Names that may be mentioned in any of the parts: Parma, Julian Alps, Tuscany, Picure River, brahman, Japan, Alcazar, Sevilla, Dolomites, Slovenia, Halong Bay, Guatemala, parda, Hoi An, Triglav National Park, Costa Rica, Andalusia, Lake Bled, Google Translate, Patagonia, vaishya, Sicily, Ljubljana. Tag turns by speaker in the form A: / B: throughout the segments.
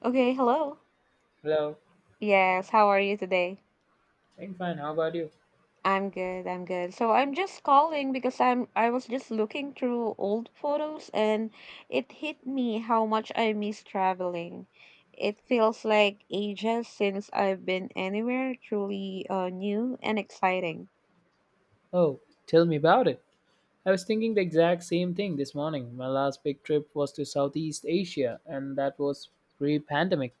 A: Okay, hello.
B: Hello.
A: Yes, how are you today?
B: I'm fine. How about you?
A: I'm good, I'm good. So I'm just calling because I was just looking through old photos, and it hit me how much I miss traveling. It feels like ages since I've been anywhere truly new and exciting.
B: Oh, tell me about it. I was thinking the exact same thing this morning. My last big trip was to Southeast Asia, and that was pre pandemic.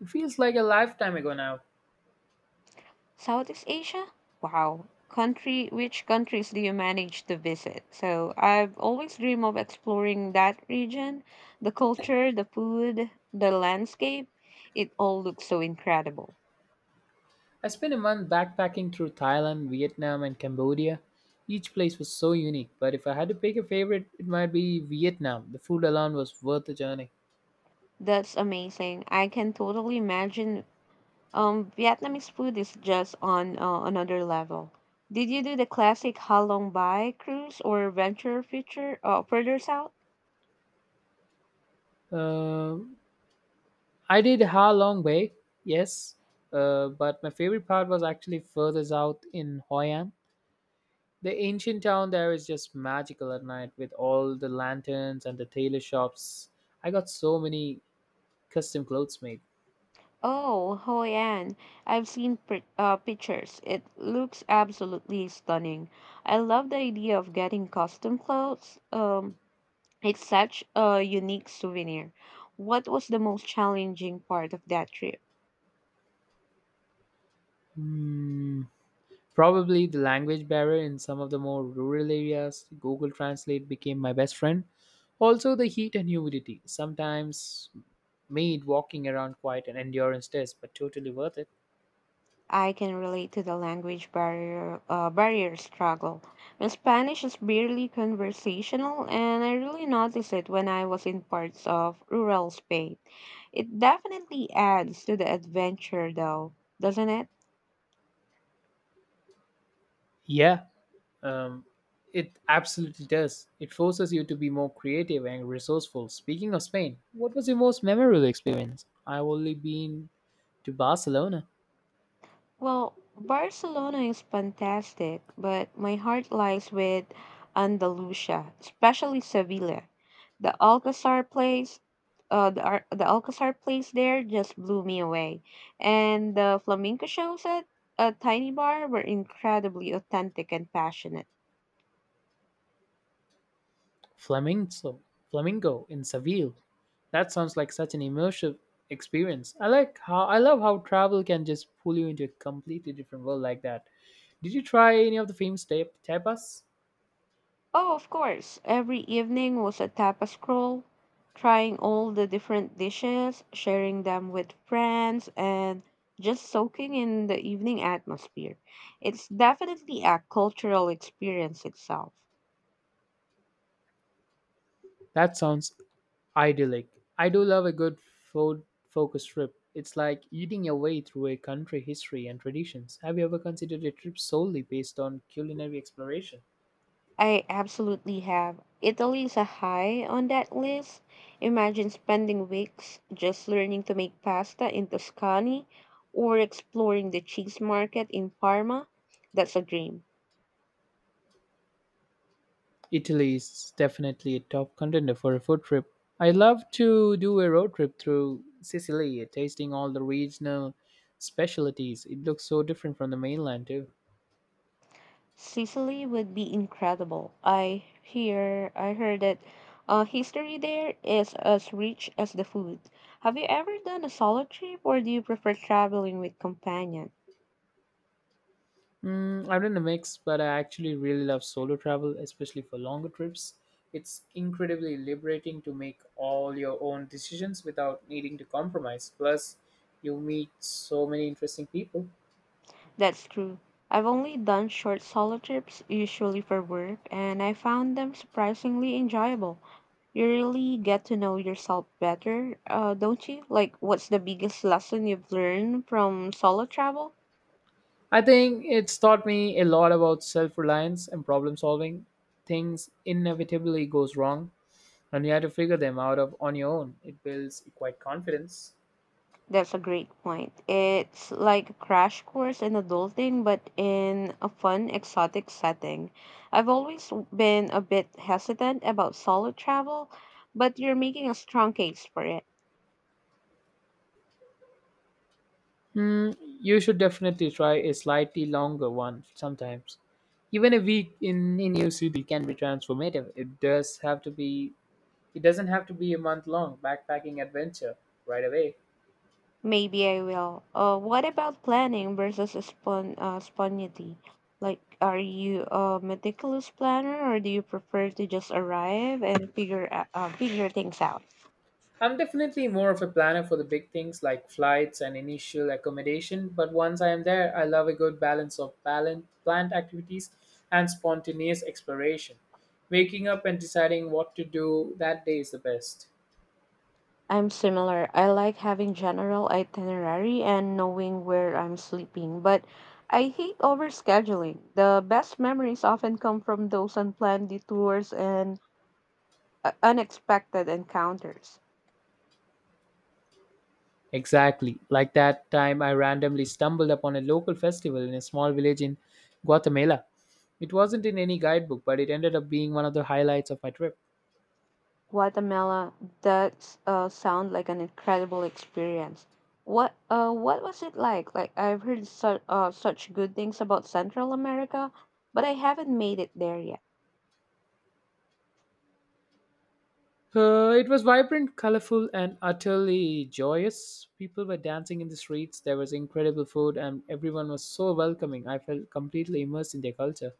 B: It feels like a lifetime ago now.
A: Southeast Asia? Wow. Which countries do you manage to visit? So I've always dreamed of exploring that region, the culture, the food, the landscape. It all looks so incredible.
B: I spent a month backpacking through Thailand, Vietnam, and Cambodia. Each place was so unique, but if I had to pick a favorite, it might be Vietnam. The food alone was worth the journey.
A: That's amazing. I can totally imagine. Vietnamese food is just on another level. Did you do the classic Halong Bay cruise or venture future further south?
B: Uh, I did Ha Long Bay, yes, but my favorite part was actually further south in Hoi An. The ancient town there is just magical at night with all the lanterns and the tailor shops. I got so many custom clothes made.
A: Oh, Hoi An. I've seen pri pictures. It looks absolutely stunning. I love the idea of getting custom clothes. It's such a unique souvenir. What was the most challenging part of that trip?
B: Hmm. Probably the language barrier in some of the more rural areas, Google Translate became my best friend. Also, the heat and humidity sometimes made walking around quite an endurance test, but totally worth it.
A: I can relate to the language barrier struggle. My Spanish is barely conversational, and I really noticed it when I was in parts of rural Spain. It definitely adds to the adventure, though, doesn't it?
B: Yeah. Um, it absolutely does. It forces you to be more creative and resourceful. Speaking of Spain, what was your most memorable experience? I've only been to Barcelona.
A: Well, Barcelona is fantastic, but my heart lies with Andalusia, especially Sevilla. The Alcazar place, the Alcazar place there just blew me away. And the flamenco shows at a tiny bar were incredibly authentic and passionate.
B: Flamingo, Flamingo in Seville. That sounds like such an immersive experience. I love how travel can just pull you into a completely different world like that. Did you try any of the famous tapas?
A: Oh, of course. Every evening was a tapas crawl, trying all the different dishes, sharing them with friends, and just soaking in the evening atmosphere. It's definitely a cultural experience itself.
B: That sounds idyllic. I do love a good food focus trip. It's like eating your way through a country history and traditions. Have you ever considered a trip solely based on culinary exploration?
A: I absolutely have. Italy is a high on that list. Imagine spending weeks just learning to make pasta in Tuscany or exploring the cheese market in Parma. That's a dream.
B: Italy is definitely a top contender for a food trip. I love to do a road trip through Sicily, tasting all the regional specialties. It looks so different from the mainland too.
A: Sicily would be incredible. I heard that history there is as rich as the food. Have you ever done a solo trip, or do you prefer traveling with companions?
B: I'm in a mix, but I actually really love solo travel, especially for longer trips. It's incredibly liberating to make all your own decisions without needing to compromise. Plus, you meet so many interesting people.
A: That's true. I've only done short solo trips, usually for work, and I found them surprisingly enjoyable. You really get to know yourself better, don't you? Like, what's the biggest lesson you've learned from solo travel?
B: I think it's taught me a lot about self-reliance and problem solving. Things inevitably goes wrong, and you have to figure them out of on your own. It builds quite confidence.
A: That's a great point. It's like a crash course in adulting, but in a fun, exotic setting. I've always been a bit hesitant about solo travel, but you're making a strong case for it.
B: Hmm, you should definitely try a slightly longer one sometimes. Even a week in a new city can be transformative. It doesn't have to be a month long backpacking adventure right away.
A: Maybe I will. What about planning versus spontaneity? Like, are you a meticulous planner, or do you prefer to just arrive and figure things out?
B: I'm definitely more of a planner for the big things like flights and initial accommodation, but once I am there, I love a good balance of planned activities and spontaneous exploration. Waking up and deciding what to do that day is the best.
A: I'm similar. I like having general itinerary and knowing where I'm sleeping, but I hate overscheduling. The best memories often come from those unplanned detours and unexpected encounters.
B: Exactly. Like that time I randomly stumbled upon a local festival in a small village in Guatemala. It wasn't in any guidebook, but it ended up being one of the highlights of my trip.
A: Guatemala, that sound like an incredible experience. What was it like? Like, I've heard such good things about Central America, but I haven't made it there yet.
B: It was vibrant, colorful, and utterly joyous. People were dancing in the streets, there was incredible food, and everyone was so welcoming. I felt completely immersed in their culture.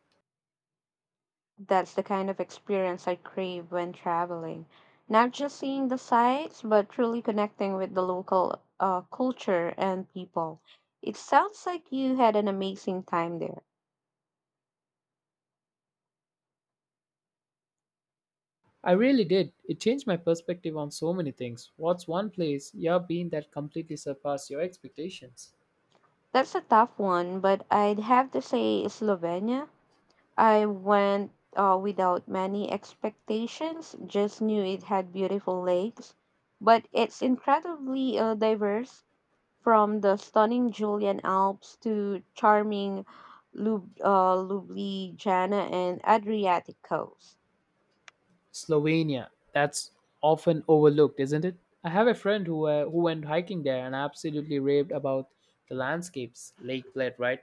A: That's the kind of experience I crave when traveling. Not just seeing the sights, but truly connecting with the local culture and people. It sounds like you had an amazing time there.
B: I really did. It changed my perspective on so many things. What's one place you've been that completely surpassed your expectations?
A: That's a tough one, but I'd have to say Slovenia. I went without many expectations, just knew it had beautiful lakes. But it's incredibly diverse, from the stunning Julian Alps to charming Ljubljana and Adriatic coast.
B: Slovenia. That's often overlooked, isn't it? I have a friend who who went hiking there and absolutely raved about the landscapes. Lake Bled, right?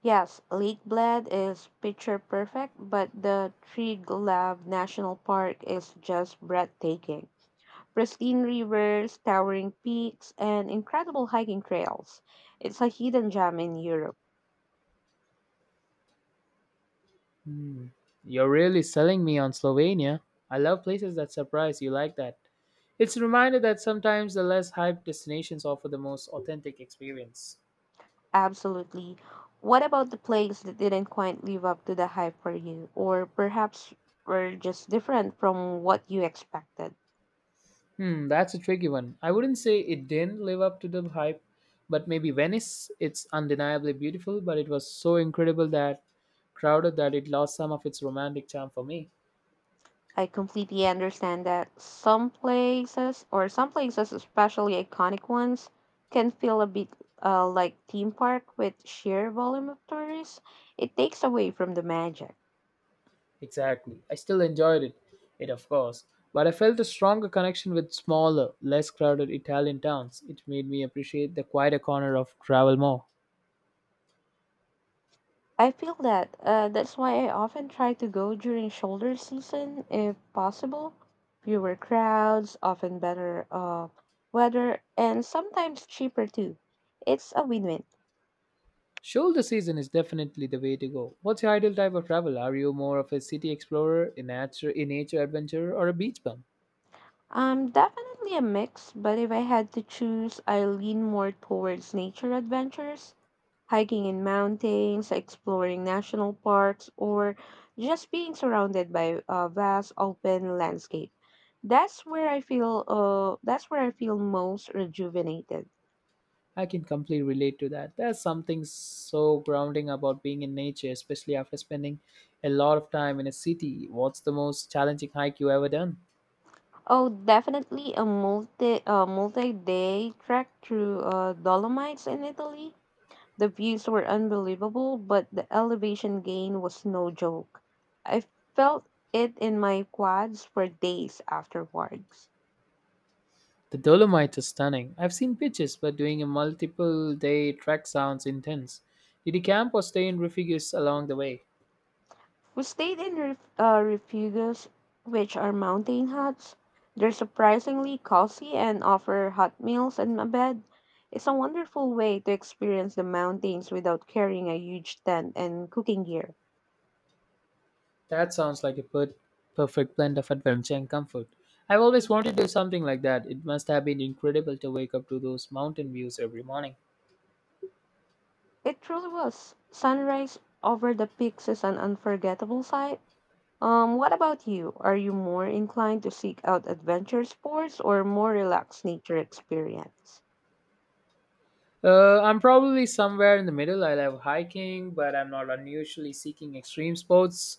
A: Yes, Lake Bled is picture perfect, but the Triglav National Park is just breathtaking. Pristine rivers, towering peaks, and incredible hiking trails. It's a hidden gem in Europe.
B: Hmm. You're really selling me on Slovenia. I love places that surprise you like that. It's a reminder that sometimes the less hyped destinations offer the most authentic experience.
A: Absolutely. What about the place that didn't quite live up to the hype for you, or perhaps were just different from what you expected?
B: Hmm, that's a tricky one. I wouldn't say it didn't live up to the hype, but maybe Venice. It's undeniably beautiful, but it was so incredible that crowded that it lost some of its romantic charm for me.
A: I completely understand that. Some places, or some places, especially iconic ones, can feel a bit like theme park with sheer volume of tourists. It takes away from the magic.
B: Exactly. I still enjoyed it, it of course, but I felt a stronger connection with smaller, less crowded Italian towns. It made me appreciate the quieter corner of travel more.
A: I feel that. That's why I often try to go during shoulder season if possible. Fewer crowds, often better weather, and sometimes cheaper too. It's a win win.
B: Shoulder season is definitely the way to go. What's your ideal type of travel? Are you more of a city explorer, a nature adventurer, or a beach bum?
A: Definitely a mix, but if I had to choose, I lean more towards nature adventures. Hiking in mountains, exploring national parks, or just being surrounded by a vast open landscape. That's where I feel most rejuvenated.
B: I can completely relate to that. There's something so grounding about being in nature, especially after spending a lot of time in a city. What's the most challenging hike you ever done?
A: Oh, definitely a multi-day trek through Dolomites in Italy. The views were unbelievable, but the elevation gain was no joke. I felt it in my quads for days afterwards.
B: The Dolomites are stunning. I've seen pictures, but doing a multiple day trek sounds intense. Did you camp or stay in refuges along the way?
A: We stayed in refugios, which are mountain huts. They're surprisingly cozy and offer hot meals and a bed. It's a wonderful way to experience the mountains without carrying a huge tent and cooking gear.
B: That sounds like a perfect blend of adventure and comfort. I've always wanted to do something like that. It must have been incredible to wake up to those mountain views every morning.
A: It truly was. Sunrise over the peaks is an unforgettable sight. What about you? Are you more inclined to seek out adventure sports or more relaxed nature experience?
B: I'm probably somewhere in the middle. I love hiking, but I'm not unusually seeking extreme sports.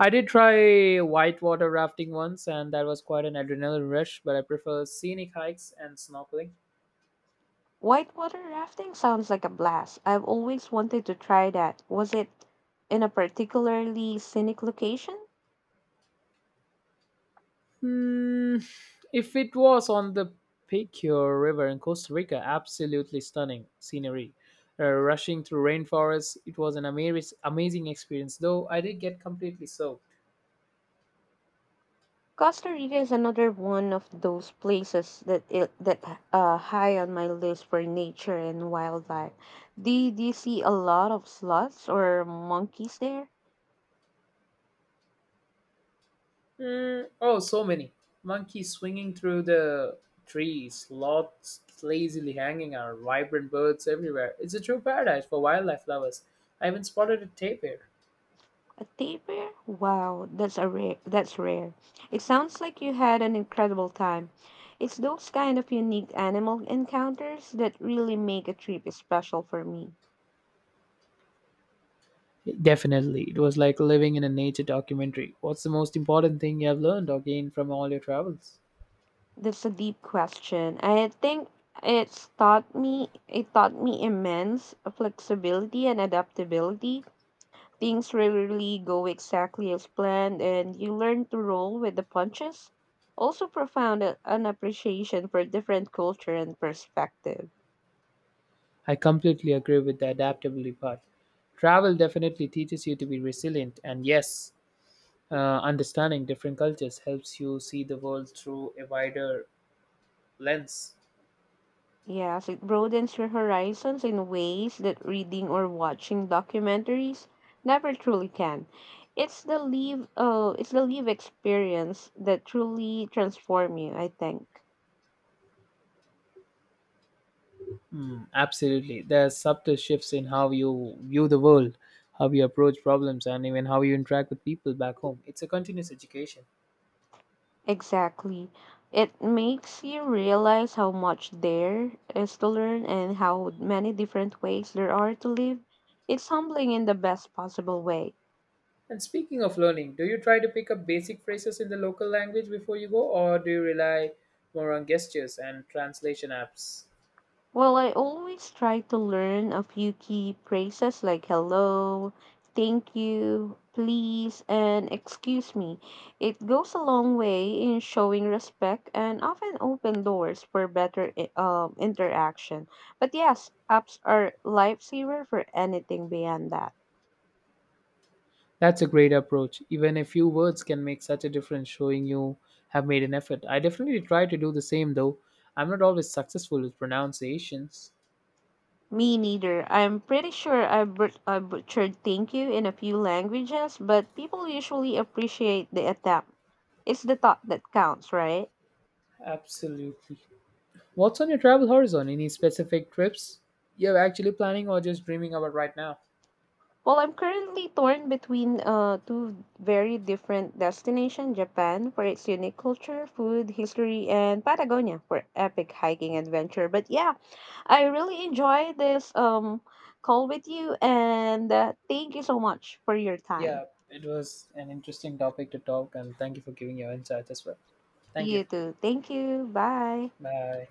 B: I did try whitewater rafting once, and that was quite an adrenaline rush, but I prefer scenic hikes and snorkeling.
A: Whitewater rafting sounds like a blast. I've always wanted to try that. Was it in a particularly scenic location?
B: Hmm, if it was on the Picure River in Costa Rica, absolutely stunning scenery. Rushing through rainforests, it was an amazing experience, though I did get completely soaked.
A: Costa Rica is another one of those places that high on my list for nature and wildlife. Did you see a lot of sloths or monkeys there?
B: Mm, oh, so many. Monkeys swinging through the trees, sloths lazily hanging out, vibrant birds everywhere. It's a true paradise for wildlife lovers. I even spotted a tapir.
A: A taper? Wow, that's a rare. That's rare. It sounds like you had an incredible time. It's those kind of unique animal encounters that really make a trip special for me.
B: Definitely. It was like living in a nature documentary. What's the most important thing you have learned or gained from all your travels?
A: That's a deep question. I think it taught me immense flexibility and adaptability. Things rarely go exactly as planned, and you learn to roll with the punches. Also, profound an appreciation for different culture and perspective.
B: I completely agree with the adaptability part. Travel definitely teaches you to be resilient, and yes, understanding different cultures helps you see the world through a wider lens.
A: Yes, it broadens your horizons in ways that reading or watching documentaries never truly can. It's the live experience that truly transform you, I think.
B: Mm, absolutely. There are subtle shifts in how you view the world, how you approach problems, and even how you interact with people back home. It's a continuous education.
A: Exactly. It makes you realize how much there is to learn and how many different ways there are to live. It's humbling in the best possible way.
B: And speaking of learning, do you try to pick up basic phrases in the local language before you go, or do you rely more on gestures and translation apps?
A: Well, I always try to learn a few key phrases like hello, thank you, please, and excuse me. It goes a long way in showing respect and often open doors for better interaction. But yes, apps are lifesaver for anything beyond that.
B: That's a great approach. Even a few words can make such a difference, showing you have made an effort. I definitely try to do the same, though I'm not always successful with pronunciations.
A: Me neither. I'm pretty sure I butchered thank you in a few languages, but people usually appreciate the attempt. It's the thought that counts, right?
B: Absolutely. What's on your travel horizon? Any specific trips you're actually planning or just dreaming about right now?
A: Well, I'm currently torn between two very different destinations. Japan for its unique culture, food, history, and Patagonia for epic hiking adventure. But yeah, I really enjoy this call with you, and thank you so much for your time.
B: Yeah, it was an interesting topic to talk, and thank you for giving your insights as well. Thank you.
A: You too. Thank you. Bye.
B: Bye.